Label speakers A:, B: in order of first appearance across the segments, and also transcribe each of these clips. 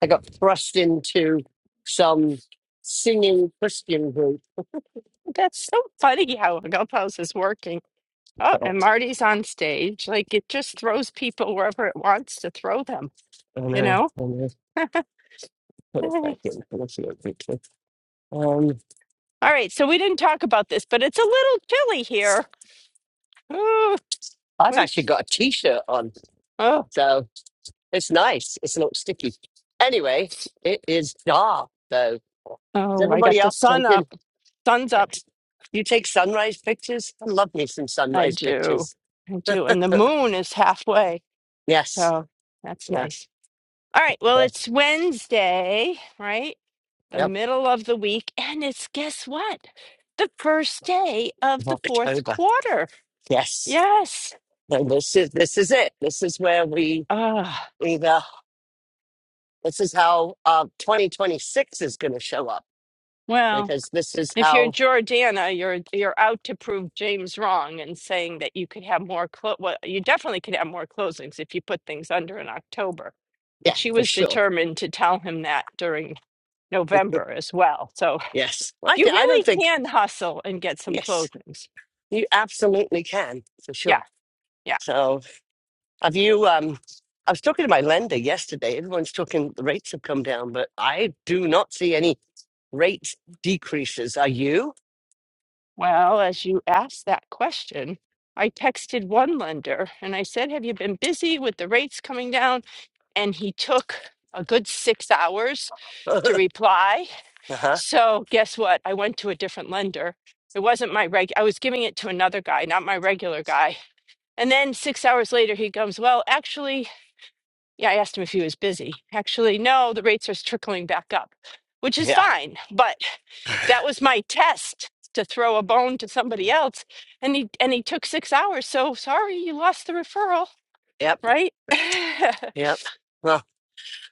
A: I got thrust into some singing Christian group.
B: That's so funny how Clubhouse is working. Oh, and
A: God,
B: Marty's on stage. Like it just throws people wherever it wants to throw them,
A: I
B: you
A: know.
B: know?
A: I know. Put it
B: Hey.
A: back in. I'll see it quickly. Um,
B: All right, so we didn't talk about this, but it's a little chilly here. Oh,
A: I've actually
B: wait.
A: got a T-shirt on,
B: oh,
A: so it's nice. It's not sticky. Anyway, it is dark though. Is
B: oh, I got
A: everybody
B: the
A: up?
B: sun
A: Jump in.
B: up. Sun's up.
A: You take sunrise pictures? I love me some
B: I
A: sunrise
B: do.
A: pictures.
B: I do. And the moon is halfway.
A: Yes.
B: So that's
A: Yes.
B: nice. All right, well,
A: Yeah.
B: it's Wednesday, right? the
A: Yep.
B: middle of the week, and it's guess what? The first day of
A: Of
B: the fourth
A: October.
B: quarter.
A: Yes.
B: Yes.
A: No, this is this is it. This is where we
B: Ah,
A: either. This is how uh, 2026 is going to show up
B: well,
A: because this is
B: if you're
A: how,
B: Jordana, you're you're out to prove James wrong and saying that you could have more clo- well, you definitely could have more closings if you put things under in October. But
A: yeah,
B: she
A: for
B: was
A: sure.
B: determined to tell him that during November as well. So
A: Yes. I,
B: you
A: th- I don't
B: really
A: think,
B: can hustle and get some
A: yes,
B: closings.
A: you absolutely can for
B: Yeah.
A: sure.
B: yeah.
A: So have you, um, I was talking to my lender yesterday. Everyone's talking, the rates have come down, but I do not see any rate decreases. Are you?
B: Well, as you asked that question, I texted one lender and I said, Have you been busy with the rates coming down? And he took a good six hours to
A: uh-huh.
B: reply. So, guess what? I went to a different lender. It wasn't my reg, I was giving it to another guy, not my regular guy. And then six hours later, he comes, Well, actually, yeah, I asked him if he was busy. Actually, no, the rates are trickling back up, which is
A: Yeah.
B: fine. But that was my test to throw a bone to somebody else, and he and he took six hours. So sorry, you lost the referral,
A: Yep.
B: right?
A: Yep. Well,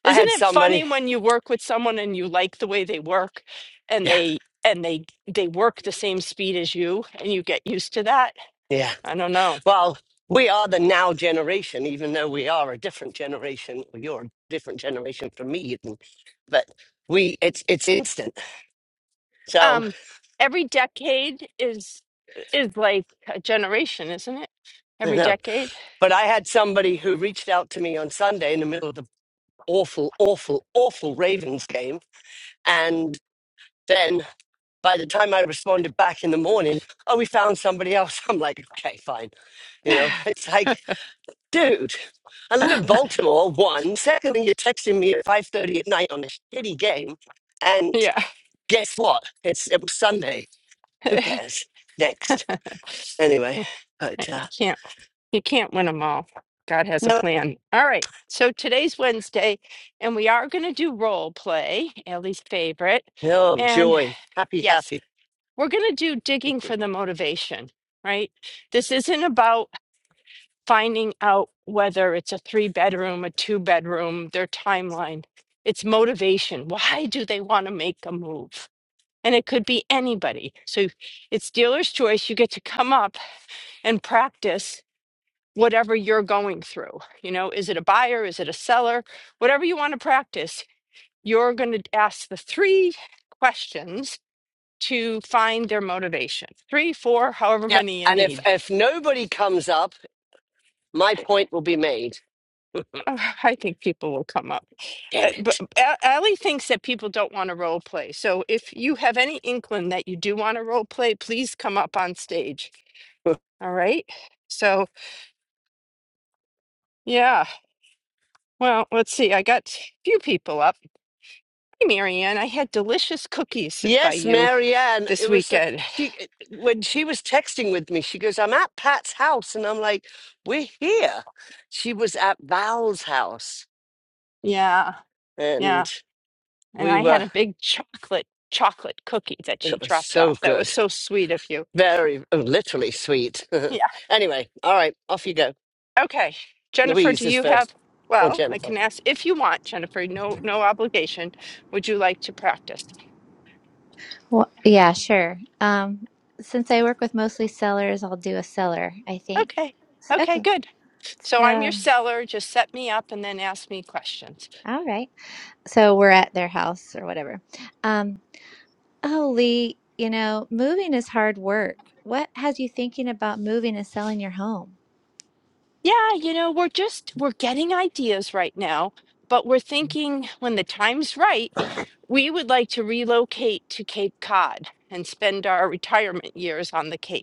A: I
B: Isn't
A: had
B: it funny
A: somebody.
B: when you work with someone and you like the way they work, and
A: Yeah.
B: they and they they work the same speed as you, and you get used to that?
A: Yeah.
B: I don't know.
A: Well, we are the now generation, even though we are a different generation, or you're a different generation from me, even. But we, it's it's instant. So
B: Um, every decade is is like a generation, isn't it?
A: you
B: Every
A: know.
B: decade.
A: But I had somebody who reached out to me on Sunday in the middle of the awful, awful, awful Ravens game, and then by the time I responded back in the morning, oh, we found somebody else. I'm like, okay, fine. You know,
B: yeah,
A: it's like dude, I live in Baltimore. One secondly, you're texting me at five thirty at night on a shitty game, and guess what? It's it was Sunday. Who cares? Next, anyway.
B: Right,
A: But uh,
B: you can't you can't win them all. God has a
A: no,
B: plan. All right. So today's Wednesday, and we are going to do role play, Ellie's favorite.
A: no
B: And
A: joy, happy,
B: yes,
A: happy.
B: we're going to do digging for the motivation. Right. This isn't about finding out whether it's a three bedroom, a two bedroom, their timeline. It's motivation. Why do they want to make a move? And it could be anybody. So it's dealer's choice. You get to come up and practice whatever you're going through. You know, is it a buyer? Is it a seller? Whatever you want to practice, you're going to ask the three questions to find their motivation. Three, four, however
A: Yep.
B: many you
A: And if
B: need.
A: if nobody comes up, my point will be made.
B: Uh, I think people will come up. Uh,
A: Damn
B: but
A: it.
B: A- Allie thinks that people don't want to role play. So if you have any inkling that you do want to role play, please come up on stage. All right. So yeah. Well, let's see. I got a few people up. Hey, Marianne, I had delicious cookies by
A: Yes,
B: you
A: Marianne.
B: this
A: It was uh,
B: weekend.
A: she when she was texting with me. She goes, "I'm at Pat's house," and I'm like, "We're here." She was at Val's house
B: Yeah, yeah.
A: and
B: And
A: we
B: I had
A: were
B: a big chocolate chocolate cookie that she
A: it was
B: dropped
A: so
B: off. That was
A: good
B: so sweet of you.
A: very oh, literally sweet anyway all right off you go
B: Okay, Jennifer, do
A: louise is
B: you have,
A: first or
B: well, I
A: jennifer
B: can ask if you want, Jennifer, no, no obligation. Would you like to practice?
C: Well, yeah, sure. Um, since I work with mostly sellers, I'll do a seller, I think.
B: Okay.
C: S-
B: Okay,
C: Okay.
B: good. So I'm your
C: So,
B: seller. Just set me up and then ask me questions.
C: all right. So we're at their house or whatever. Um, oh, Lee, you know, moving is hard work. What has you thinking about moving and selling your home?
B: Yeah, you know, we're just we're getting ideas right now, but we're thinking when the time's right, we would like to relocate to Cape Cod and spend our retirement years on the Cape.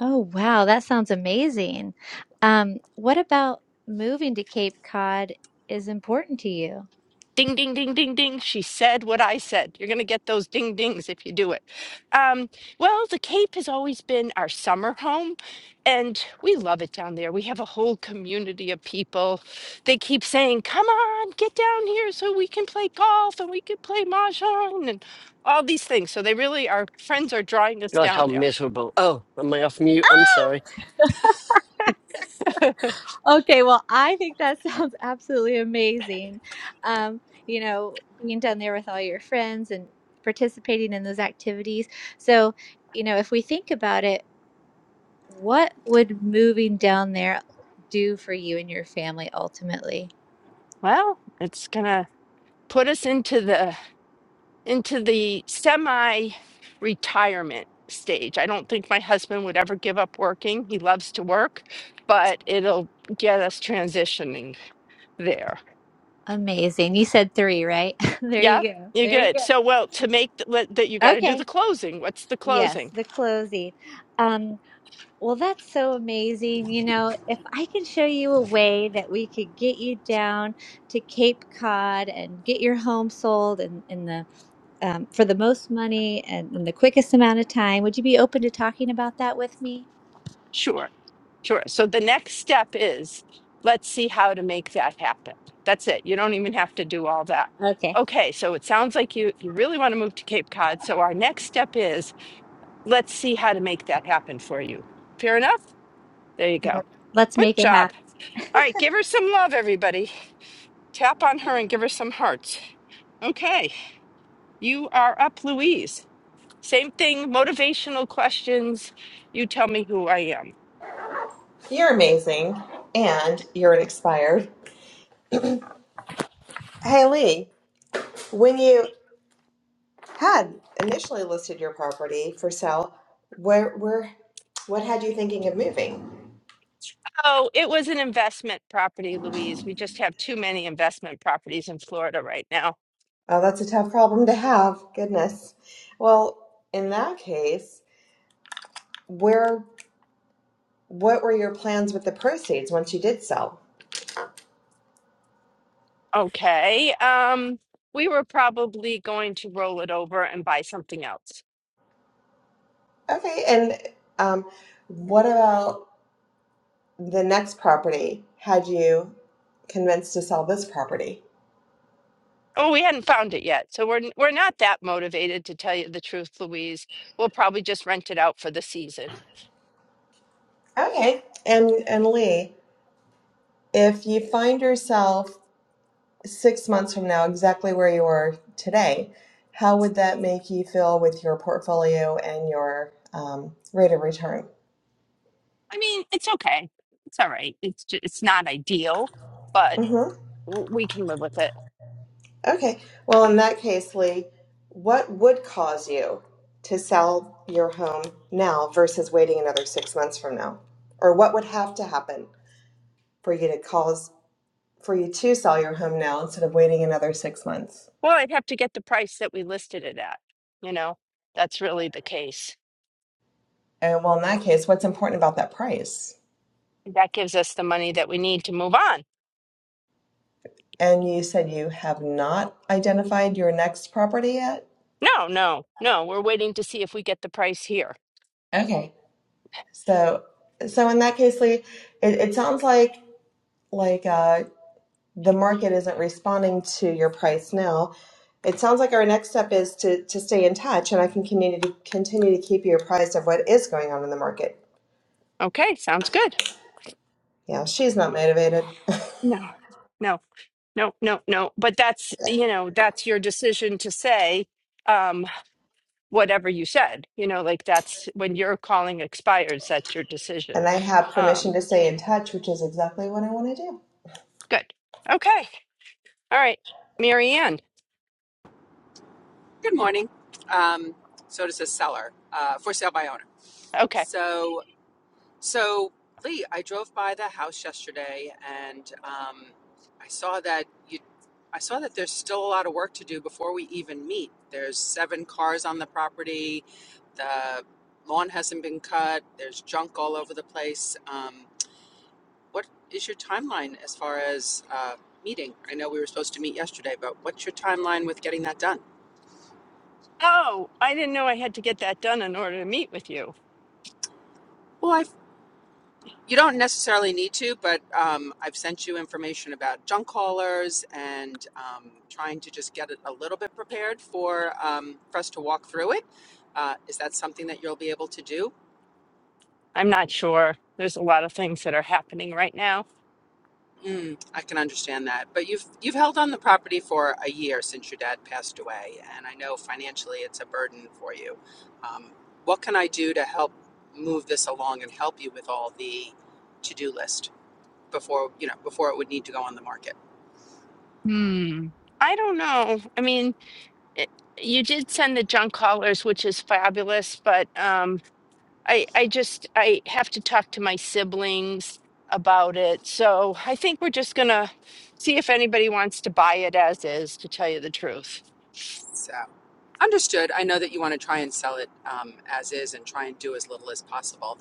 C: Oh, wow, that sounds amazing. Um, what about moving to Cape Cod is important to you?
B: Ding, ding, ding, ding, ding. She said what I said. You're going to get those ding dings if you do it. Um, well, the Cape has always been our summer home, and we love it down there. We have a whole community of people. They keep saying, Come on, get down here so we can play golf and we can play mahjong and all these things. So they really, our friends are drawing us
A: god how
B: down there.
A: miserable oh am i off mute i'm sorry
C: Okay, well, I think that sounds absolutely amazing. Um, you know, being down there with all your friends and participating in those activities. So, you know, if we think about it, what would moving down there do for you and your family ultimately?
B: Well, it's going to put us into the into the semi retirement stage. I don't think my husband would ever give up working. He loves to work, but it'll get us transitioning there.
C: Amazing. You said three, right? There you
B: Yeah,
C: go.
B: you're
C: There you
B: good.
C: go.
B: So, well, to make th- that, you got to do the
C: Okay.
B: closing. What's the
C: Yes,
B: closing?
C: the closing. Um, Well, that's so amazing. You know, if I can show you a way that we could get you down to Cape Cod and get your home sold and in, the um, for the most money and in the quickest amount of time, would you be open to talking about that with me?
B: Sure, sure. So, the next step is let's see how to make that happen. That's it. You don't even have to do all that.
C: Okay,
B: Okay, so it sounds like you, you really want to move to Cape Cod. So, our next step is let's see how to make that happen for you. Fair enough? There you
C: Yeah.
B: go.
C: let's
B: Good
C: make it happen.
B: job. All right, give her some love, everybody. Tap on her and give her some hearts. Okay, you are up, Louise. Same thing, motivational questions. You tell me who I am.
D: You're amazing, and you're an expired. Hey Lee, when you had initially listed your property for sale, where where what had you thinking of moving?
B: Oh, it was an investment property, Louise. We just have too many investment properties in Florida right now.
D: Oh, that's a tough problem to have. Goodness. Well, in that case, where what were your plans with the proceeds once you did sell?
B: Okay, um, we were probably going to roll it over and buy something else.
D: Okay, and um, what about the next property? Had you convinced to sell this property?
B: Oh, we hadn't found it yet. So we're n- we're not that motivated to tell you the truth, Louise. We'll probably just rent it out for the season.
D: Okay, and and Lee. if you find yourself six months from now exactly where you are today, how would that make you feel with your portfolio and your um, rate of return?
B: I mean, it's okay. It's all right. It's just, it's not ideal, but
D: hmm
B: w- we can live with it.
D: Okay. Well, in that case, Lee, what would cause you to sell your home now versus waiting another six months from now? Or what would have to happen for you to cause for you to sell your home now instead of waiting another six months?
B: Well, I'd have to get the price that we listed it at. You know, that's really the case.
D: And well, in that case, what's important about that price?
B: That gives us the money that we need to move on.
D: And you said you have not identified your next property yet?
B: No, no, no. We're waiting to see if we get the price here.
D: Okay. So, so in that case, Lee, it, it sounds like like uh, the market isn't responding to your price now. It sounds like our next step is to to stay in touch, and I can continue to continue to keep you apprised of what is going on in the market.
B: Okay, sounds good.
D: Yeah, she's not motivated,
B: No, no, no, no, no. But that's, you know, that's your decision to say um, whatever you said. You know, like that's when your calling expires, that's your decision.
D: and I have
B: Um,
D: permission to stay in touch, which is exactly what I want to do.
B: good. Okay. All right. Mary
E: Good morning. Um, so does this seller, uh, for sale by owner.
B: Okay.
E: So, so Lee, I drove by the house yesterday and um, I saw that you. I saw that there's still a lot of work to do before we even meet. There's seven cars on the property. The lawn hasn't been cut. There's junk all over the place. Um, what is your timeline as far as uh, meeting? I know we were supposed to meet yesterday, but what's your timeline with getting that done?
B: Oh, I didn't know I had to get that done in order to meet with you.
E: Well, I. You don't necessarily need to, but um, I've sent you information about junk haulers and um, trying to just get it a little bit prepared for um, for us to walk through it. Uh, is that something that you'll be able to do?
B: I'm not sure. There's a lot of things that are happening right now.
E: Mm, I can understand that, but you've you've held on the property for a year since your dad passed away, and I know financially it's a burden for you. Um, what can I do to help move this along and help you with all the to do list before you know before it would need to go on the market?
B: Hmm. I don't know. I mean, it, you did send the junk callers, which is fabulous, but um, I I just I have to talk to my siblings about it. So I think we're just gonna see if anybody wants to buy it as is, to tell you the truth.
E: So. Understood. I know that you want to try and sell it um, as is and try and do as little as possible.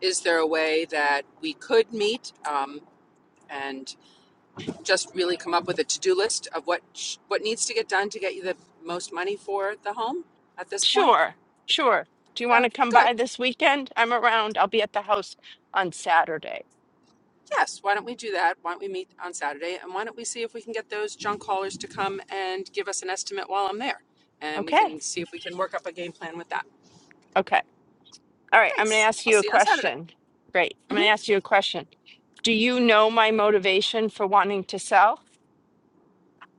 E: Is there a way that we could meet um, and just really come up with a to-do list of what sh- what needs to get done to get you the most money for the home at this point?
B: Sure, sure. Do you want
E: So
B: to come
E: good.
B: by this weekend? I'm around. I'll be at the house on Saturday.
E: Yes. Why don't we do that? Why don't we meet on Saturday and why don't we see if we can get those junk haulers to come and give us an estimate while I'm there, and we
B: Okay.
E: can see if we can work up a game plan with that.
B: Okay. All right. I'm gonna
E: Thanks.
B: ask
E: I'll
B: you a
E: see you on Saturday.
B: question. Great. I'm
E: Mhm.
B: gonna ask you a question. Do you know my motivation for wanting to sell?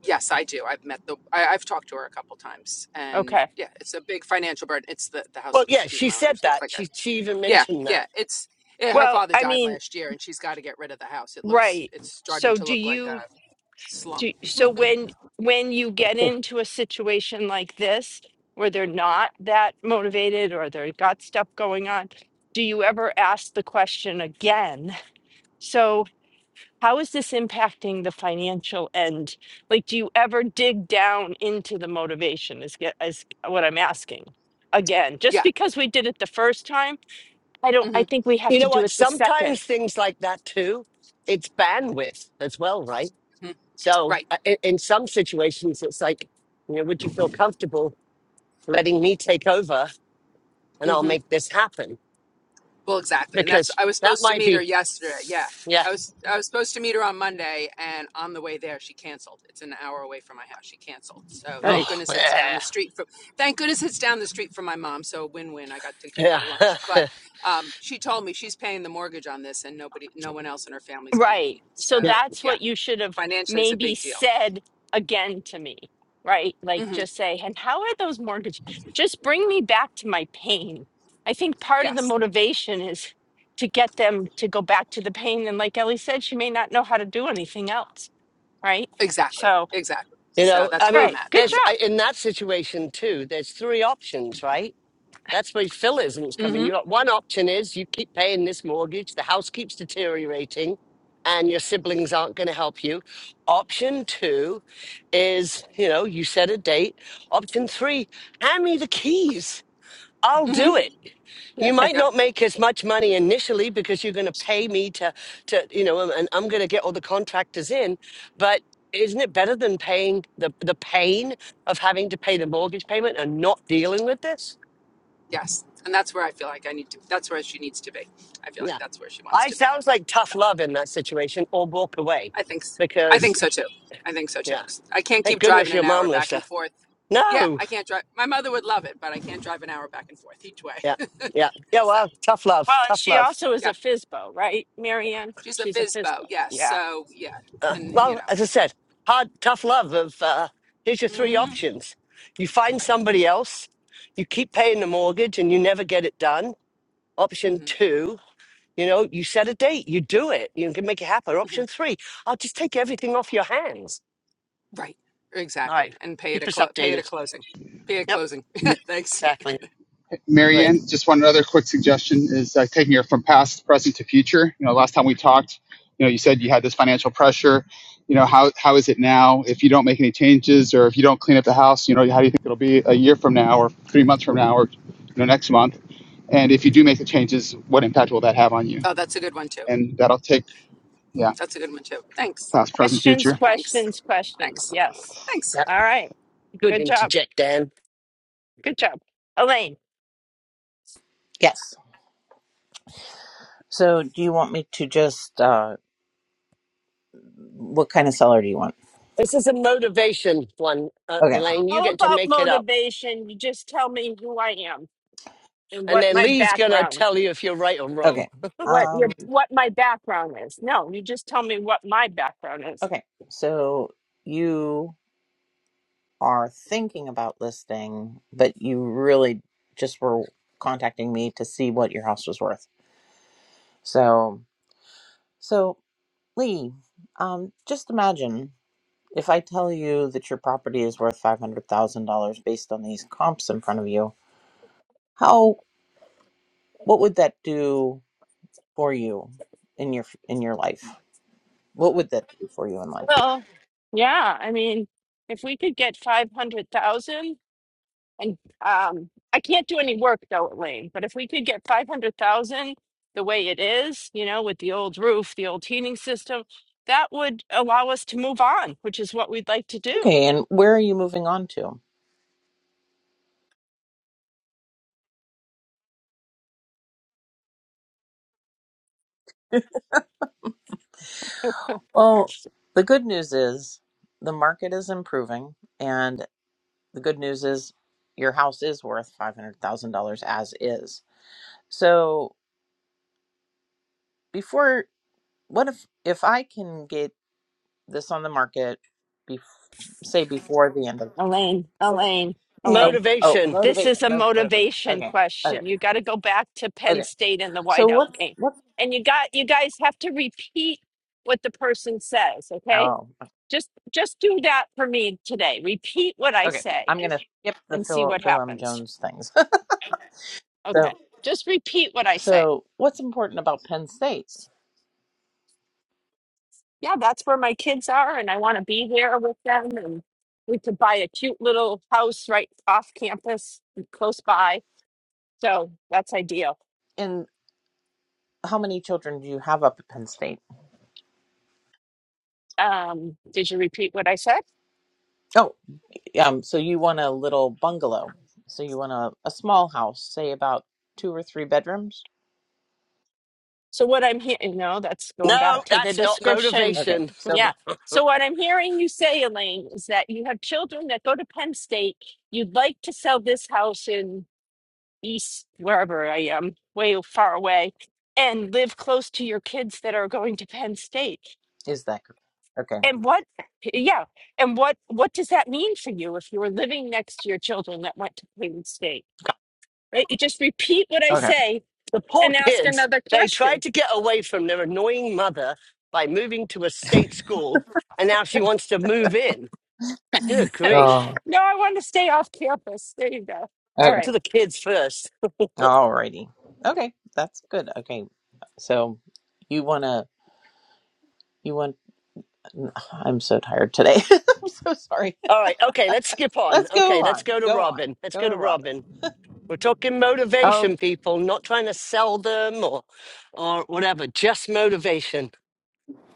E: Yes, I do. I've met the. I, I've talked to her a couple times, and
B: Okay.
E: yeah, it's a big financial burden. It's the the house
A: well
E: looks.
A: yeah
E: Excuse
A: she
E: my
A: said
E: language. Looks
A: that
E: like
A: she,
E: a.
A: she even
E: Yeah,
A: mentioned
E: yeah.
A: that
E: It's yeah, her
B: Well,
E: father
B: I
E: died
B: mean,
E: last year, and she's got to get rid of the house. It looks.
B: right.
E: It's starting
B: So
E: to
B: do
E: look like a
B: you
E: slump.
B: Do, so when when you get into a situation like this where they're not that motivated or they've got stuff going on, do you ever ask the question again? So how is this impacting the financial end? Like, do you ever dig down into the motivation? Is get is what I'm asking again? Just
E: Yeah.
B: because we did it the first time, I don't.
E: hmm
B: I think we have
A: you
B: to
A: know
B: do
A: what
B: it the second.
A: sometimes things like that too it's bandwidth as well right
E: hmm
A: so
E: Right.
A: uh, in, in some situations it's like you know would you feel comfortable letting me take over and
E: hmm
A: i'll make this happen
E: Well, exactly. And that's
A: because
E: I was
A: that
E: supposed to
A: might
E: meet her
A: be
E: yesterday. Yeah.
A: yeah
E: I was I was supposed to meet her on Monday and on the way there she canceled. It's an hour away from my house. She canceled. So thank
B: right?
A: Oh,
E: goodness it's down
A: yeah.
E: the street from thank goodness it's down the street from my mom. So win win. I got to take her
A: yeah.
E: to lunch. But um, she told me she's paying the mortgage on this and nobody no one else in her family's paying.
B: Right.
E: it.
B: So
A: yeah.
E: So
B: that's
E: yeah,
B: what you should have
E: financially it's a
B: maybe
E: big deal.
B: said again to me, right? Like
E: hmm
B: just say, and how are those mortgage? Just bring me back to my pain. I think part of the
E: Yes.
B: motivation is to get them to go back to the pain. And like Ellie said, she may not know how to do anything else, right? So,
E: Exactly.
B: all
E: Exactly.
A: You
E: So
A: know, I
E: that's where
A: mean,
E: I'm
B: right,
E: at.
B: good
A: there's
E: I'm
A: I-
B: job.
A: in that situation too, there's three options, right? That's where Phil-isms come in. You
E: mm-hmm.
A: got one option is you keep paying this mortgage, the house keeps deteriorating, and your siblings aren't going to help you. Option two is, you know, you set a date. Option three, hand me the keys. I'll
E: Mm-hmm.
A: do it. You might
E: Yep.
A: not make as much money initially because you're going to pay me to, to you know, and and I'm going to get all the contractors in. But isn't it better than paying the the pain of having to pay the mortgage payment and not dealing with this?
E: Yes. And that's where I feel like I need to, that's where she needs to be. I feel like
A: Yeah,
E: that's where she wants
A: I
E: to be.
A: sounds like
E: So
A: tough love in that situation, or walk away
E: I think, s- I
A: because
E: think so too. I think so too.
A: yeah,
E: 'Cause I can't
A: thank
E: keep driving
A: goodness
E: an
A: your
E: hour
A: mom lives
E: back
A: there.
E: and forth. Yeah,
A: No,
E: I can't drive. My mother would love it, but I can't drive an hour back and forth each way.
A: yeah, yeah, yeah.
E: so
A: Well, tough
B: Well,
A: love,
B: and
A: tough
B: she
A: love.
B: also is
E: yeah,
B: a FISBO, right, Marianne?
E: she's a
B: She's a
E: FISBO.
B: FISBO.
E: Yes.
B: Yeah.
E: So yeah.
A: uh,
E: And you
A: well,
E: know,
A: as I said, hard, tough love of uh, here's your three
E: hmm
A: options. You find
E: right.
A: somebody else, you keep paying the mortgage and you never get it done. Option
E: hmm
A: two, you know, you set a date, you do it, you can make it happen.
E: hmm
A: Option three, I'll just take everything off your hands.
E: Right.
A: All right,
E: Exactly. And pay it
A: keep
E: a,
A: us
E: clo- pay it a
A: updated.
E: closing. Pay it
A: Yep,
E: closing.
F: Ma-
E: Thanks.
A: exactly.
F: Mary
A: Right.
F: just one other quick suggestion is uh, taking it from past, present to future. You know, last time we talked, you know, you said you had this financial pressure. You know, how how is it now? If you don't make any changes or if you don't clean up the house, you know, how do you think it'll be a year from now or three months from now or you know next month? And if you do make the changes, what impact will that have on you?
E: Oh, that's a good one too.
F: And that'll take yeah,
E: That's a good one too. Thanks.
F: past, present,
B: Questions,
F: future.
E: Thanks.
B: questions, questions.
E: Thanks.
B: Yes.
E: Thanks.
A: Yep.
B: All right.
A: Good
B: Good job.
A: interject, Dan.
B: Good job. Elaine,
G: Yes. So, do you want me to just uh what kind of seller do you want?
A: This is a motivation one, uh,
G: Okay.
A: Elaine. You
B: all
A: get to
B: about
A: make it up.
B: motivation. You just tell me who I am and
A: And
B: what
A: then
B: my
A: Lee's going to
B: background,
A: tell you if you're right or wrong.
G: Okay.
B: what your
G: Um
B: what my background is. No, you just tell me what my background is.
G: okay. So, you are thinking about listing, but you really just were contacting me to see what your house was worth. So, so Lee, um just imagine if I tell you that your property is worth $500,000 based on these comps in front of you, how what would that do for you in your in your life? What would that do for you in life?
B: Well, yeah, I mean, if we could get 500,000 and um I can't do any work though, Elaine, but if we could get 500,000 the way it is, you know, with the old roof, the old heating system, that would allow us to move on, which is what we'd like to do.
G: Okay, and where are you moving on to? Well, the good news is the market is improving, and the good news is your house is worth $500,000 as is. So, before what if if I can get this on the market bef- say before the end of
B: Elaine, Elaine,
G: Oh,
B: Elaine.
G: oh,
A: Motivation.
B: this
G: motivation,
B: is a
G: mo- motivation.
B: motivation
G: Okay. Okay.
B: question. You got to go back to Penn
G: Okay.
B: State in the
G: So
B: whiteout
G: what's
B: game.
G: what's
B: And you got you guys have to repeat what the person says, okay?
G: Oh,
B: Just just do that for me today. Repeat what I
G: okay.
B: say
G: I'm going to skip the
B: and see
G: Phil
B: what
G: Phil M.
B: happens.
G: Jones things.
B: Okay. Just repeat what I say.
G: So, what's important about Penn State?
B: Yeah, that's where my kids are and I want to be there with them and we could buy a cute little house right off campus close by. So, that's ideal.
G: And how many children do you have up at Penn State?
B: Um, did you repeat what I said?
G: Oh, um, so you want a little bungalow. So you want a, a small house, say about two or three bedrooms?
B: So what I'm hearing, no, that's going back
A: No,
G: No.
B: to the
A: that's not
B: description.
G: Okay.
A: motivation.
G: So
B: Yeah. So what I'm hearing you say, Elaine, is that you have children that go to Penn State. You'd like to sell this house in East, wherever I am, way far away, and live close to your kids that are going to Penn State.
G: is that correct? Okay.
B: And what, yeah, and what what does that mean for you if you were living next to your children that went to Penn State? Right? You just repeat what I
G: Okay.
B: say
A: The poor
B: and ask
A: kids,
B: another
A: they tried
B: question.
A: to get away from their annoying mother by moving to a state school, and now she wants to move in. Good grief.
G: Oh.
B: No, I wanted to stay off campus. There you go. All
A: Talk
G: Okay.
B: right.
A: to the kids first.
G: Alrighty. Okay. That's good. Okay. So you want to, you want, I'm so tired today. I'm so sorry.
A: All right, okay, let's skip on.
G: Let's go
A: Okay, let's
G: on.
A: go to
G: Go on.
A: Robin. Let's
G: Go
A: go
G: to
A: to
G: Robin.
A: Robin. We're talking
H: Oh,
A: motivation, people, not trying to sell them or or whatever, just motivation.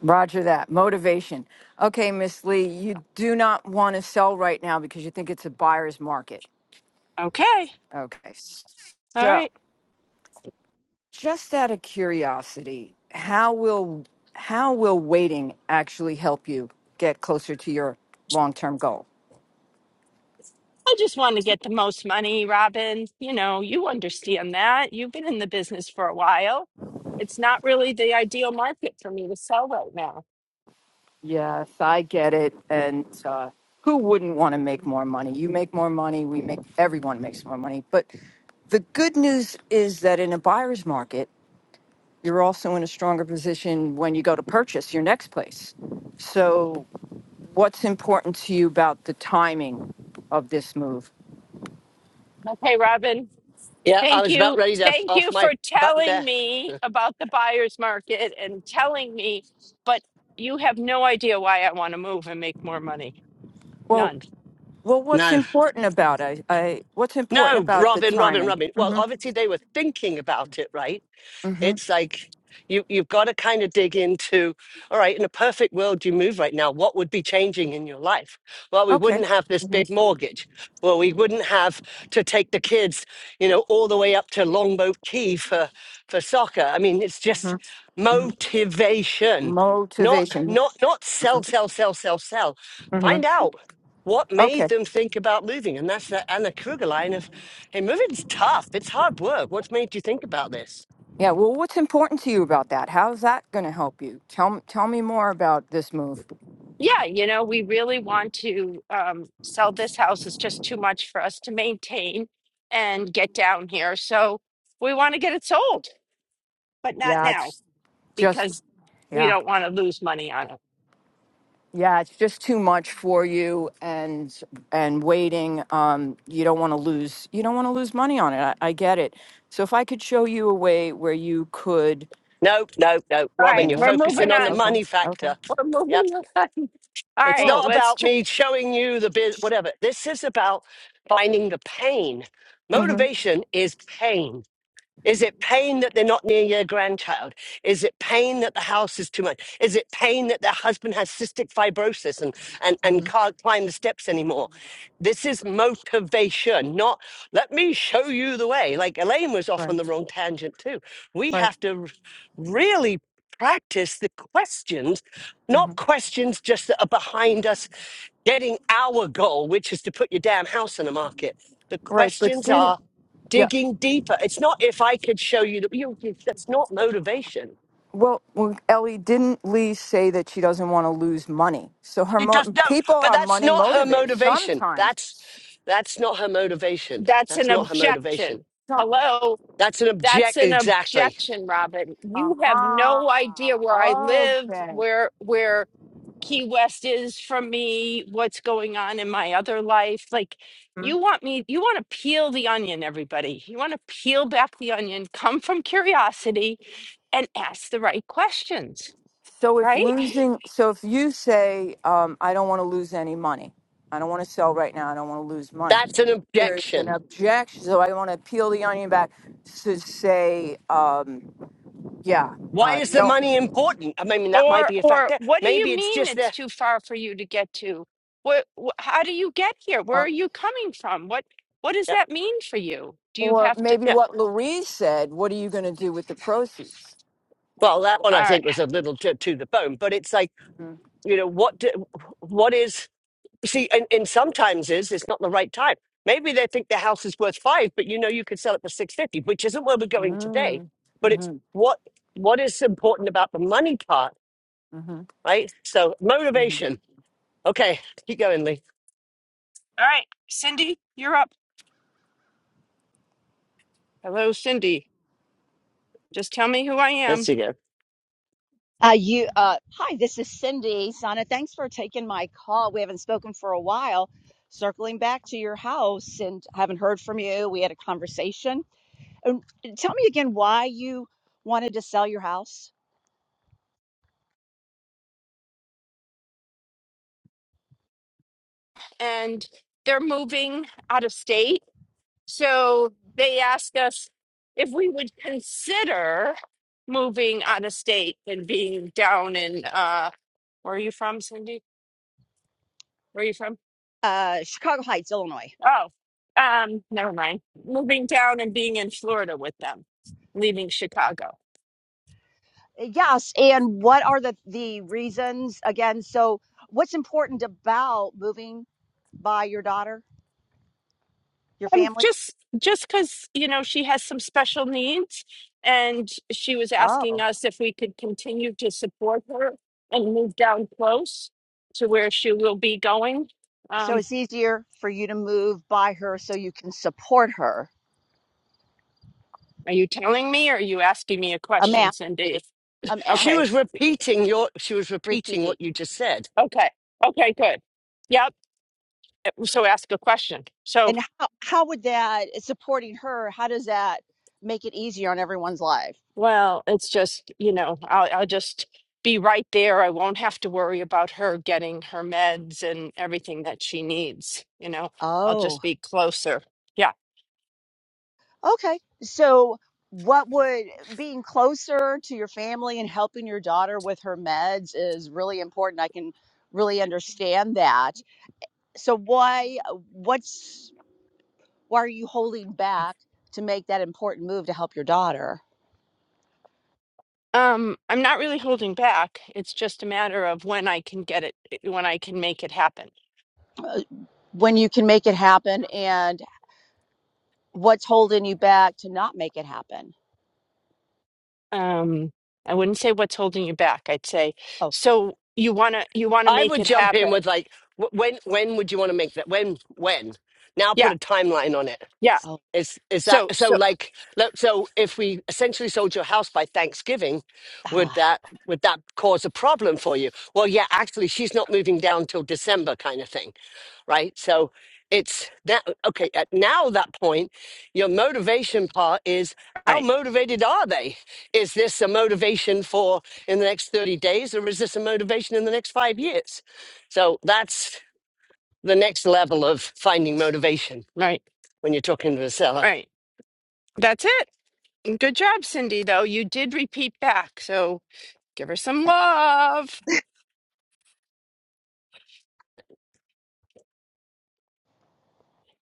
H: roger that. Motivation. Okay, Miss Lee, you do not want to sell right now because you think it's a buyer's market.
B: Okay.
H: Okay.
B: All
H: So,
B: right.
H: just out of curiosity, how will how will waiting actually help you get closer to your long-term goal?
B: I just want to get the most money, Robin. You know, you understand that. You've been in the business for a while. It's not really the ideal market for me to sell right now.
H: Yes, I get it. And uh, who wouldn't want to make more money? You make more money, we make everyone makes more money. But the good news is that in a buyer's market, you're also in a stronger position when you go to purchase your next place. So, what's important to you about the timing of this move?
B: Okay, Robin.
A: Yeah, I
B: Thank
A: was about
B: you.
A: ready to
B: Thank you
A: off
B: for
A: my button
B: telling
A: there.
B: me about the buyer's market and telling me, but you have no idea why I want to move and make more money.
H: Well,
B: None.
H: well, what's
A: No,
H: important about I, I what's important
A: no,
H: about the
A: Robin, Robin,
H: timing?
A: Robin. Well,
H: hmm
A: obviously they were thinking about it, right?
H: hmm
A: It's like you you've got to kind of dig into, all right, in a perfect world you move right now, what would be changing in your life? Well, we
H: Okay.
A: wouldn't have this
H: hmm
A: big mortgage. Well, we wouldn't have to take the kids, you know, all the way up to Longboat Key for for soccer. I mean, it's
H: hmm
A: just
H: hmm
A: motivation. Not
H: Motivation.
A: not not sell, sell, sell, sell, sell.
H: hmm
A: Find out what made
H: Okay.
A: them think about moving. And that's the Anna Kruger line of, hey, moving's tough. It's hard work. What's made you think about this?
H: Yeah. Well, what's important to you about that? How's that going to help you? Tell m- tell me more about this move.
B: yeah, you know, we really want to um, sell this house. It's just too much for us to maintain and get down here. So we want to get it sold, but not
H: Yeah,
B: now
H: it's
B: because
H: just
B: we
H: yeah.
B: don't want to lose money on it.
H: Yeah, it's just too much for you, and and waiting. Um, you don't want to lose. You don't want to lose money on it. I, I get it. So if I could show you a way where you could.
A: Nope, nope, nope.
B: All
A: Robin,
B: right,
A: you're
H: Yeah,
B: we're
H: yeah,
A: focusing
B: moving
A: on the
B: on.
H: okay.
A: money
H: Okay.
A: factor.
B: We're
A: Yep.
B: moving on. All
A: It's
B: right,
H: Well.
A: not
B: let's.
A: about
B: Tr-
A: me showing you the bit, whatever. This is about finding the pain.
H: Mm-hmm,
A: Motivation is pain. Is it pain that they're not near your grandchild? Is it pain that the house is too much? Is it pain that their husband has cystic fibrosis and, and, and
H: hmm
A: can't climb the steps anymore? This is motivation, not let me show you the way. Like Elaine was off
H: Right.
A: on the wrong tangent too. We
H: Right.
A: have to r- really practice the questions,
H: hmm
A: not questions just that are behind us getting our goal, which is to put your damn house on the market. The
H: Right. But
A: questions
H: didn't.
A: are
H: Yeah.
A: digging deeper. It's not if I could show you that you, you- that's not motivation.
H: Well, well, Ellie, didn't Lee say that she doesn't want to lose money? So her
A: It does
H: mo-
A: no,
H: people
A: but
H: are
A: that's
H: money
A: not her
H: motivated
A: motivation.
H: sometimes.
A: That's that's not her motivation.
B: that's
A: That's
B: an
A: not
H: Well,
A: her motivation.
B: objection.
H: some-
B: Hello,
A: That's an
B: that's
A: object
B: an
A: exactly.
B: objection, Robin. You have
H: aha.
B: no idea where I live,
H: Okay.
B: where where Key West is from me, what's going on in my other life. Like, you want me, you want to peel the onion, everybody. You want to peel back the onion, come from curiosity and ask the right questions,
H: So if
B: right?
H: losing, so if you say, um, I don't want to lose any money, I don't want to sell right now, I don't want to lose money.
A: That's an
H: There's an
A: objection.
H: objection, so I want to peel the onion back to say, um, yeah,
A: Why
H: uh, you
A: is the
H: don't,
A: money important? I mean, that might
B: Or,
A: be a
B: or
A: factor.
B: what do you
A: Maybe it's
B: mean
A: just
B: it's
A: there.
B: too far for you to get to? What, wh- how do you get here? Where are
H: or,
B: you coming from? What, what does
A: yeah,
B: that mean for you? Do you
H: or
B: have to?
H: maybe
A: yeah.
H: what Louise said. What are you going to do with the proceeds?
A: Well, that one
B: All
A: I
B: right.
A: think was a little too to the bone, but it's like
H: Mm-hmm.
A: you know what? Do, what is? You see, and, and sometimes is it's not the right time. Maybe they think the house is worth five, but you know you could sell it for six fifty, which isn't where we're going today.
H: Mm-hmm.
A: But it's
H: Mm-hmm.
A: what what is important about the money part,
H: Mm-hmm.
A: right? So motivation. Okay, keep going, Lee.
B: All right. Cindy, you're up. Hello, Cindy. Just tell me who I
A: Let's
B: am.
A: see go.
I: Uh, you, uh, hi, this is Cindy. Sana, thanks for taking my call. We haven't spoken for a while. Circling back to your house and haven't heard from you. We had a conversation. And tell me again why you wanted to sell your house.
B: and they're moving out of state. So they asked us if we would consider moving out of state and being down in uh where are you from, Cindy? Where are you from?
I: Uh, Chicago Heights, Illinois.
B: Oh, um, never mind. Moving down and being in Florida with them, leaving Chicago.
I: Yes. And what are the, the reasons again? So, what's important about moving by your daughter, your
B: And
I: family?
B: just just because you know she has some special needs, and she was asking
I: Oh.
B: us if we could continue to support her and move down close to where she will be going.
I: So,
B: Um,
I: it's easier for you to move by her so you can support her
B: are you telling me, or are you asking me a
I: I'm
B: question,
I: asking you,
B: Cindy?
I: I'm
A: She
I: asking,
B: Okay,
A: was repeating your she was repeating
I: repeating.
A: what you just said.
B: okay, okay, good. Yep. So ask a question. So
I: And how, how would that, supporting her, how does that make it easier on everyone's life?
B: Well, it's just, you know, I'll I'll just be right there. I won't have to worry about her getting her meds and everything that she needs, you know. I'll
I: Oh,
B: just be closer. Yeah.
I: okay. So, what would being closer to your family and helping your daughter with her meds is really important. I can really understand that. So, why, what's, why are you holding back to make that important move to help your daughter?
B: Um, I'm not really holding back. It's just a matter of when I can get it, when I can make it happen.
I: uh, when you can make it happen and? what's holding you back to not make it happen?
B: Um, I wouldn't say what's holding you back. I'd say,
I: Oh,
B: so you wanna you wanna
A: I
B: make
A: would
B: it
A: jump
B: happen.
A: in with like, wh- when when would you want to make that? When when? Now put
B: Yeah,
A: a timeline on it
B: yeah.
I: oh,
A: Is is that
B: So
A: so?
B: so
A: Like, le- so if we essentially sold your house by Thanksgiving, would
I: ah.
A: that would that cause a problem for you? Well, yeah, actually, she's not moving down till December, kind of thing, right? So it's that okay. At now that point, your motivation part is
B: all
A: how
B: right,
A: motivated are they? Is this a motivation for in the next thirty days, or is this a motivation in the next five years? So that's the next level of finding motivation
B: right,
A: when you're talking to a seller.
B: right. That's it. Good job, Cindy, though. You did repeat back, so give her some love.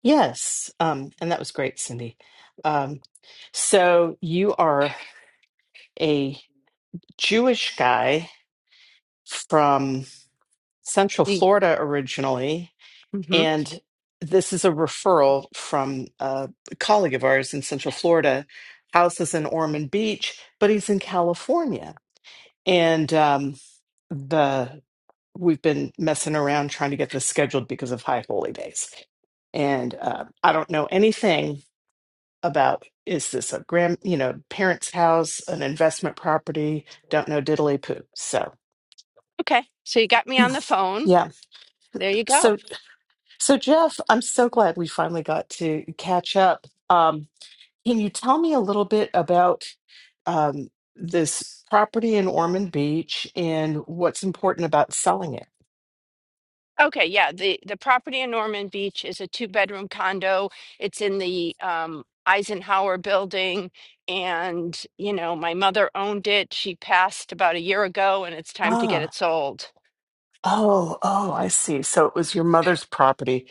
J: Yes, um, and that was great, Cindy. Um, so you are a Jewish guy from Central
B: Mm-hmm.
J: Florida originally, and this is a referral from a colleague of ours in Central Florida. House is in Ormond Beach, but he's in California, and um, the we've been messing around trying to get this scheduled because of High Holy Days. And uh, I don't know anything about is this a grand, you know, parents' house, an investment property? Don't know diddly poo. So,
B: Okay, so you got me on the phone.
J: yeah.
B: There you go.
J: So, so Jeff, I'm so glad we finally got to catch up. Um, can you tell me a little bit about um, this property in Ormond Beach and what's important about selling it?
B: Okay, yeah, the, the property in Norman Beach is a two bedroom condo. It's in the um, Eisenhower building. And, you know, my mother owned it. She passed about a year ago, and it's time to get
J: Ah,
B: it sold.
J: oh, oh, I see. So it was your mother's property.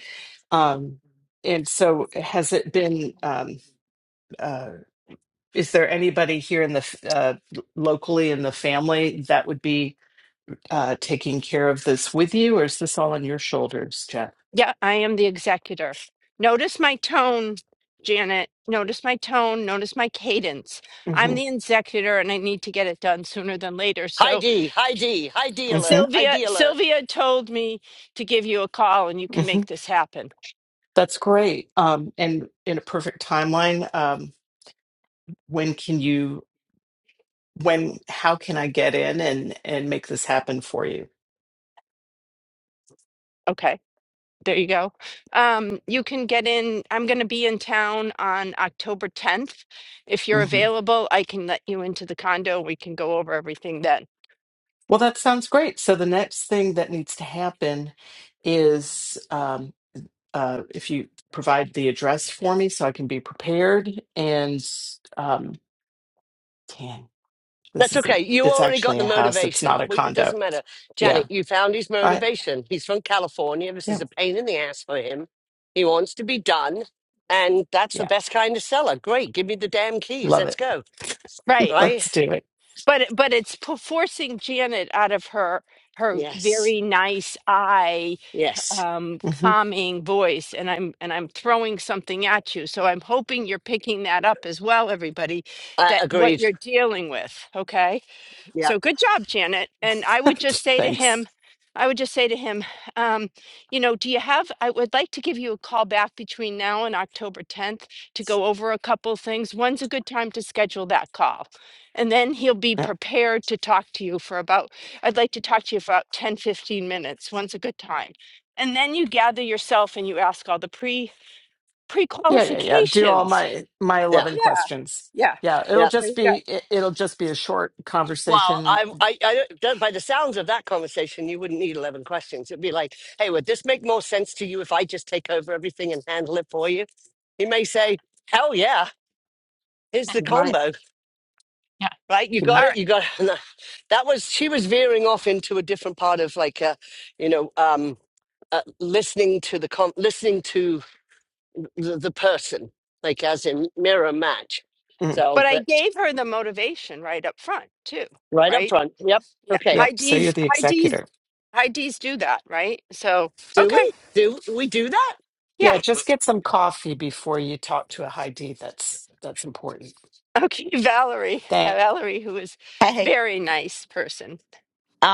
J: Um, and so has it been? Um, Is there anybody here in the f- uh, locally in the family that would be uh, taking care of this with you, or is this all on your shoulders, Jeff?
B: Yeah, I am the executor. Notice my tone, Janet. Notice my tone. Notice my cadence. I'm
J: hmm
B: the executor and I need to get it done sooner than later.
A: Hi
B: So
A: D, hi D, hi D alert,
J: hmm
A: hi
B: Sylvia,
A: D alert.
B: Sylvia told me to give you a call and you can
J: hmm
B: make this happen.
J: That's great. Um, and in a perfect timeline, um, when can you? When? How can I get in and and make this happen for you?
B: Okay. There you go. Um, you can get in. I'm going to be in town on October 10th. If you're
J: hmm
B: available, I can let you into the condo. We can go over everything then.
J: Well, that sounds great. So the next thing that needs to happen is. um, uh, if you provide the address for me so I can be prepared. And um, dang, this
A: That's okay.
J: isn't,
A: You
J: it's
A: already got
J: actually
A: the
J: a house. It's
A: motivation.
J: not a
A: Well, It
J: condo.
A: doesn't matter.
J: Yeah.
A: Janet, you found his
J: All right.
A: motivation. He's from California. This
J: Yeah.
A: is a pain in the ass for him. He wants to be done. And that's the
J: Yeah.
A: best kind of seller. Great. Give me the damn keys.
J: Love
A: Let's
J: it.
A: go.
B: Right.
A: Right?
J: Let's do it.
B: but it- but it's po- forcing Janet out of her her
A: Yes.
B: very nice eye
A: Yes.
B: um
J: hmm
B: calming voice and I'm and I'm throwing something at you so I'm hoping you're picking that up as well everybody
A: I
B: that what
A: agreed.
B: you're dealing with okay
A: Yeah.
B: so good job, Janet. And I would just say to him,
J: Thanks.
B: I would just say to him, um, you know, do you have? I would like to give you a call back between now and October 10th to go over a couple things. When's a good time to schedule that call? And then he'll be
J: Yeah.
B: prepared to talk to you for about, I'd like to talk to you for about 10 15 minutes. When's a good time? And then you gather yourself and you ask all the pre pre
J: Yeah. Yeah. Yeah. Do all
B: qualifications.
J: my, my
A: Yeah.
J: 11
B: Yeah.
J: questions.
B: Yeah.
J: Yeah.
A: Yeah.
J: It'll
B: There
J: just
B: you go.
J: be, it- it'll just be a short
A: Well,
J: conversation.
A: I, I, I that- by the sounds of that conversation, you wouldn't need 11 questions. It'd be like, hey, would this make more sense to you if I just take over everything and handle it for you? He may say, hell yeah, here's the
J: He might,
A: combo,
B: Yeah.
A: right? You
J: he
B: All
A: got
J: might.
B: right.
A: it, you got No, That was, she was veering off into a different part of like, uh, you know, um, uh, listening to the, com- listening to the, the person, like as in mirror match.
J: Mm.
A: So,
B: But I
A: but
B: gave her the motivation right up front too,
A: right up
B: right?
A: front. Yep.
B: Yeah.
A: Okay.
J: Yeah.
B: High
J: So you're
B: D's,
J: the
B: high D's,
J: executor.
B: high D's do that, right? So,
A: Do
B: okay.
A: we? Do we do that?
B: Yeah.
J: Yeah. Just get some coffee before you talk to a high D. That's, that's important.
B: Okay. Valerie,
J: Thank
B: Valerie, who is
K: Hey.
B: very nice person.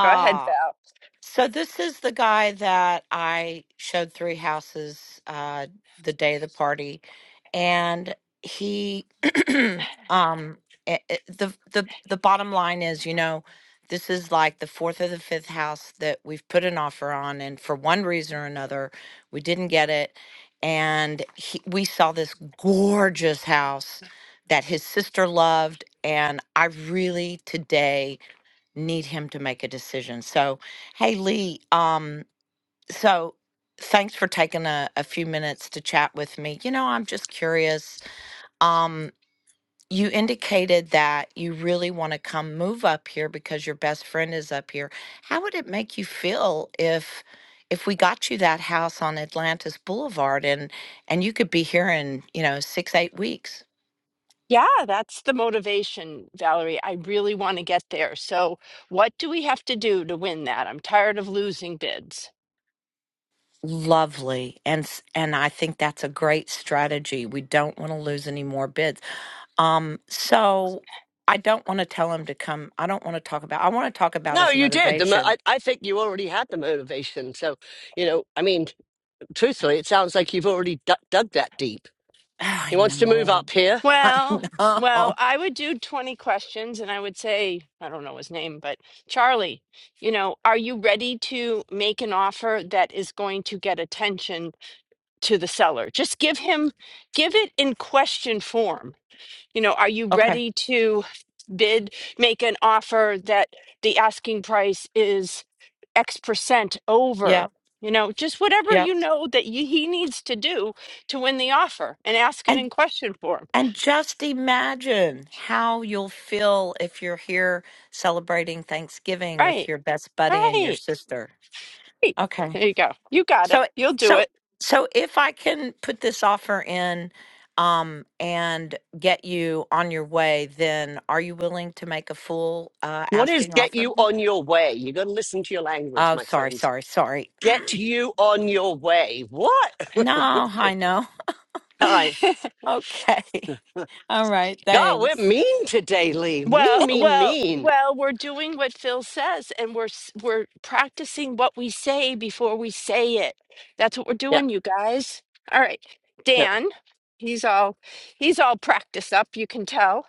B: Go ahead, Val.
K: so this is the guy that I showed three houses uh the day of the party and he um eh, eh, the the the bottom line is, you know, this is like the fourth or the fifth house that we've put an offer on and for one reason or another we didn't get it and he, we saw this gorgeous house that his sister loved and I really today need him to make a decision. So, hey, Lee, um, so thanks for taking a, a few minutes to chat with me. You know, I'm just curious. Um, you indicated that you really want to come move up here because your best friend is up here. How would it make you feel if if we got you that house on Atlantis Boulevard and and you could be here in, you know, 6 8 weeks?
B: Yeah, that's the motivation, Valerie. I really want to get there. So, what do we have to do to win that? I'm tired of losing bids.
K: Lovely. And s- and I think that's a great strategy. We don't want to lose any more bids. Um, so I don't want to tell him to come. I don't want to talk about. I want to talk about
A: No,
K: his
A: you did. The mo-
K: motivation.
A: I, I think you already had the motivation. So, you know, I mean, truthfully, it sounds like you've already d- dug that deep. He
K: I
A: wants to move
K: know.
A: up here.
K: I
B: Well, well,
K: know.
B: I would do 20 questions and I would say, I don't know his name, but Charlie, you know, are you ready to make an offer that is going to get attention to the seller? Just give him, give it in question form. You know, are you
K: Okay.
B: ready to bid, make an offer that the asking price is X percent over?
K: Yep.
B: You know, just whatever
K: Yep.
B: you know that y he needs to do to win the offer and ask it
K: And
B: in question form.
K: and just imagine how you'll feel if you're here celebrating Thanksgiving with
B: Right.
K: your best buddy and your
B: Right.
K: sister.
B: Great.
K: Okay.
B: There you go. You got it.
K: So
B: You'll do
K: so
B: it.
K: so if I can put this offer in um and get you on your way, then are you willing to make a full uh
A: What is
K: asking
A: get
K: offer?
A: you on your way? You got to listen to your language,
K: Oh,
A: my
K: sorry,
A: friend.
K: sorry, sorry.
A: Get you on your way. What?
K: no, I know.
A: All right.
K: Okay. All right,
A: God, we're
K: thanks.
A: mean today, Lee.
B: Well,
A: Mean, mean,
B: well,
A: mean.
B: well, we're doing what Phil says and we're s- we're practicing what we say before we say it. That's what we're doing, you guys. All right. Dan, he's all he's all practiced up, you can tell.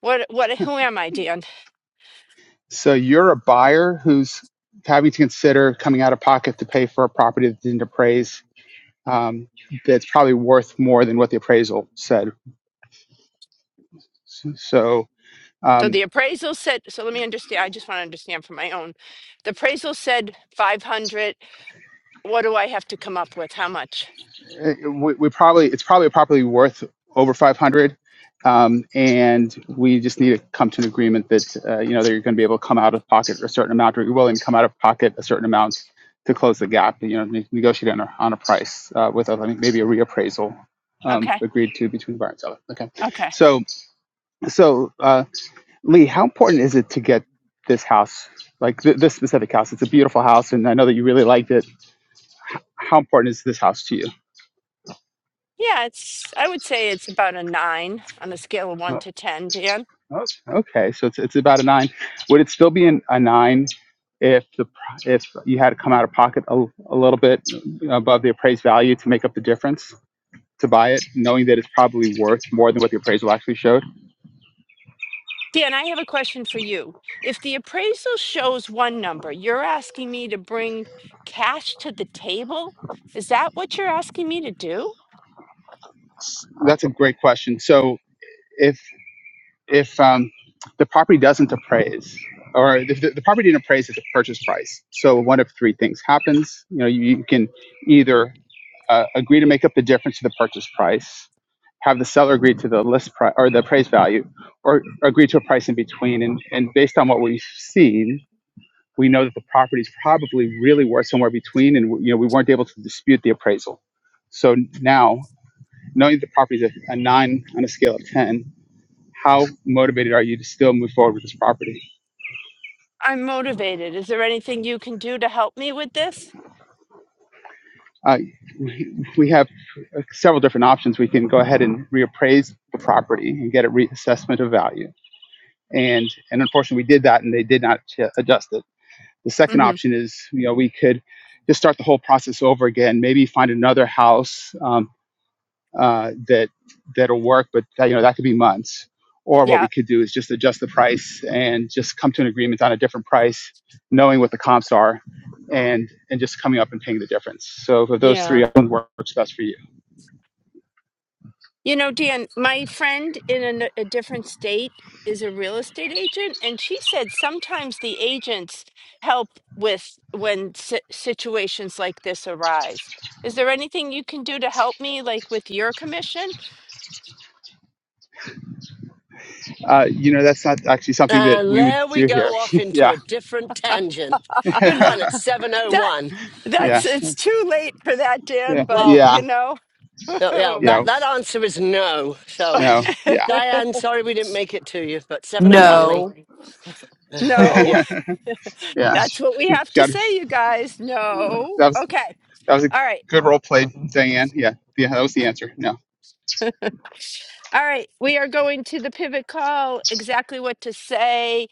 B: What what who am I, Dan?
F: So you're a buyer who's having to consider coming out of pocket to pay for a property that didn't appraise um, that's probably worth more than what the appraisal said. So
B: So
F: um,
B: the appraisal said so let me understand. I just want to understand for my own. The appraisal said 500. What do I have to come up with? How much?
F: we, we probably it's probably properly worth over 500, um, and we just need to come to an agreement that uh, you know they're going to be able to come out of pocket a certain amount, or you're willing to come out of pocket a certain amount to close the gap. You know, ne- negotiate on a, on a price uh, with us, I think maybe a reappraisal. Um,
B: Okay.
F: agreed to between buyer and seller. Okay,
B: Okay.
F: so so uh, Lee, how important is it to get this house, like th- this specific house? It's a beautiful house, and I know that you really liked it. How important is this house to you?
B: Yeah, it's, I would say it's about a nine on a scale of one
F: Oh,
B: to 10, Dan.
F: oh, Okay, so it's, it's about a nine. Would it still be an, a nine if the pr- if you had to come out of pocket a, a little bit above the appraised value to make up the difference to buy it, knowing that it's probably worth more than what the appraisal actually showed?
B: Dan, I have a question for you. If the appraisal shows one number, you're asking me to bring cash to the table? Is that what you're asking me to do?
F: That's a great question. So. if if um, the property doesn't appraise or if the, the property didn't appraise at the purchase price so one of three things happens you know you, you can either uh, agree to make up the difference to the purchase price have the seller agree to the list price or the appraised value or agree to a price in between and, and based on what we've seen we know that the property is probably really worth somewhere between and you know we weren't able to dispute the appraisal so now knowing that the property is a, a 9 on a scale of 10 how motivated are you to still move forward with this property?
B: I'm motivated. Is there anything you can do to help me with this?
F: Uh, we we have uh, several different options. We can go ahead and reappraise the property and get a reassessment of value. And and unfortunately, we did that, and they did not uh, adjust it. The second
B: hmm
F: option is, you know, we could just start the whole process over again. Maybe find another house, um, uh, that that'll work, but that, you know that could be months. Or what
B: Yeah.
F: we could do is just adjust the price and just come to an agreement on a different price, knowing what the comps are, and and just coming up and paying the difference. So for those
B: Yeah.
F: three, I works best for you.
B: You know, Dan, my friend in a, a different state is a real estate agent, and she said sometimes the agents help with when si- situations like this arise. Is there anything you can do to help me, like with your commission?
F: Uh, you know, that's not actually something that
A: And
F: we would
A: there we
F: do here.
A: go off into
F: yeah,
A: a different tangent. Good one at
B: that
A: 701.
F: yeah,
B: that's it's too late for that, Dan.
F: yeah,
B: But
A: Well,
F: yeah,
B: you know,
A: no, yeah, that,
F: yeah,
A: that answer is no. So,
F: no, yeah,
A: Diane, sorry we didn't make it to you, but
F: yeah,
A: 701, Lee.
L: No.
B: no,
A: yeah.
F: yeah. She,
B: that's what we
F: she
B: have to
F: got her,
B: say, you guys. No,
F: that was
B: okay,
F: that was a
B: all right.
F: good role played, Diane. Yeah, yeah, that was the answer. No.
B: All right, we are going to the pivot call, exactly what to say,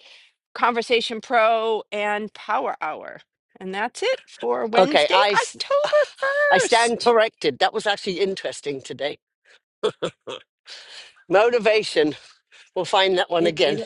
B: Conversation Pro and Power Hour. And that's it for
A: Okay,
B: Wednesday,
A: I, s-
B: October
A: I stand
B: 1st.
A: corrected. That was actually interesting today. Motivation. We'll find that one
L: It it
A: again.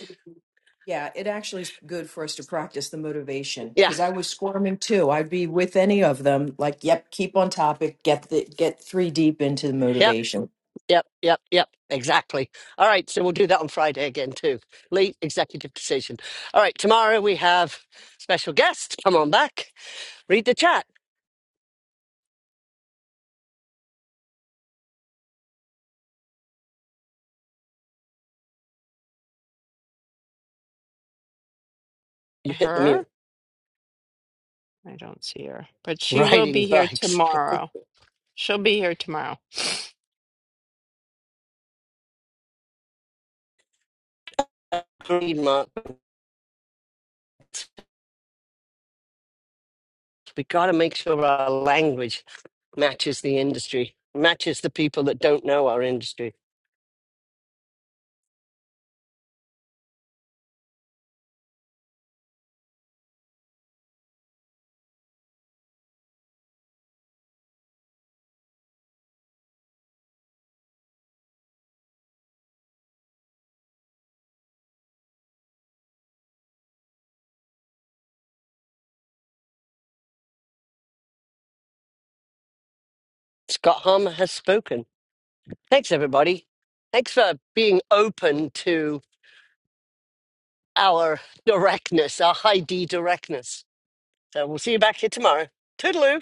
L: yeah, it actually is good for us to practice the motivation
A: Yeah,
L: because I was squirming too. I'd be with any of them, like, yep, keep on topic, get the get three deep into the
A: yep,
L: motivation.
A: yep, yep, yep. Exactly. All right, so we'll do that on Friday again too. Late executive decision. All right, tomorrow we have special guest. Come on back. Read the chat. You hit the
B: Her?
A: mute.
B: I don't see her, but she will
A: Riding
B: be here
A: bikes.
B: tomorrow. She'll be here tomorrow.
A: Read Mark. We got to make sure our language matches the industry, matches the people that don't know our industry. Scott Harmer has spoken. Thanks, everybody. Thanks for being open to our directness, our high D directness. So we'll see you back here tomorrow. Toodaloo.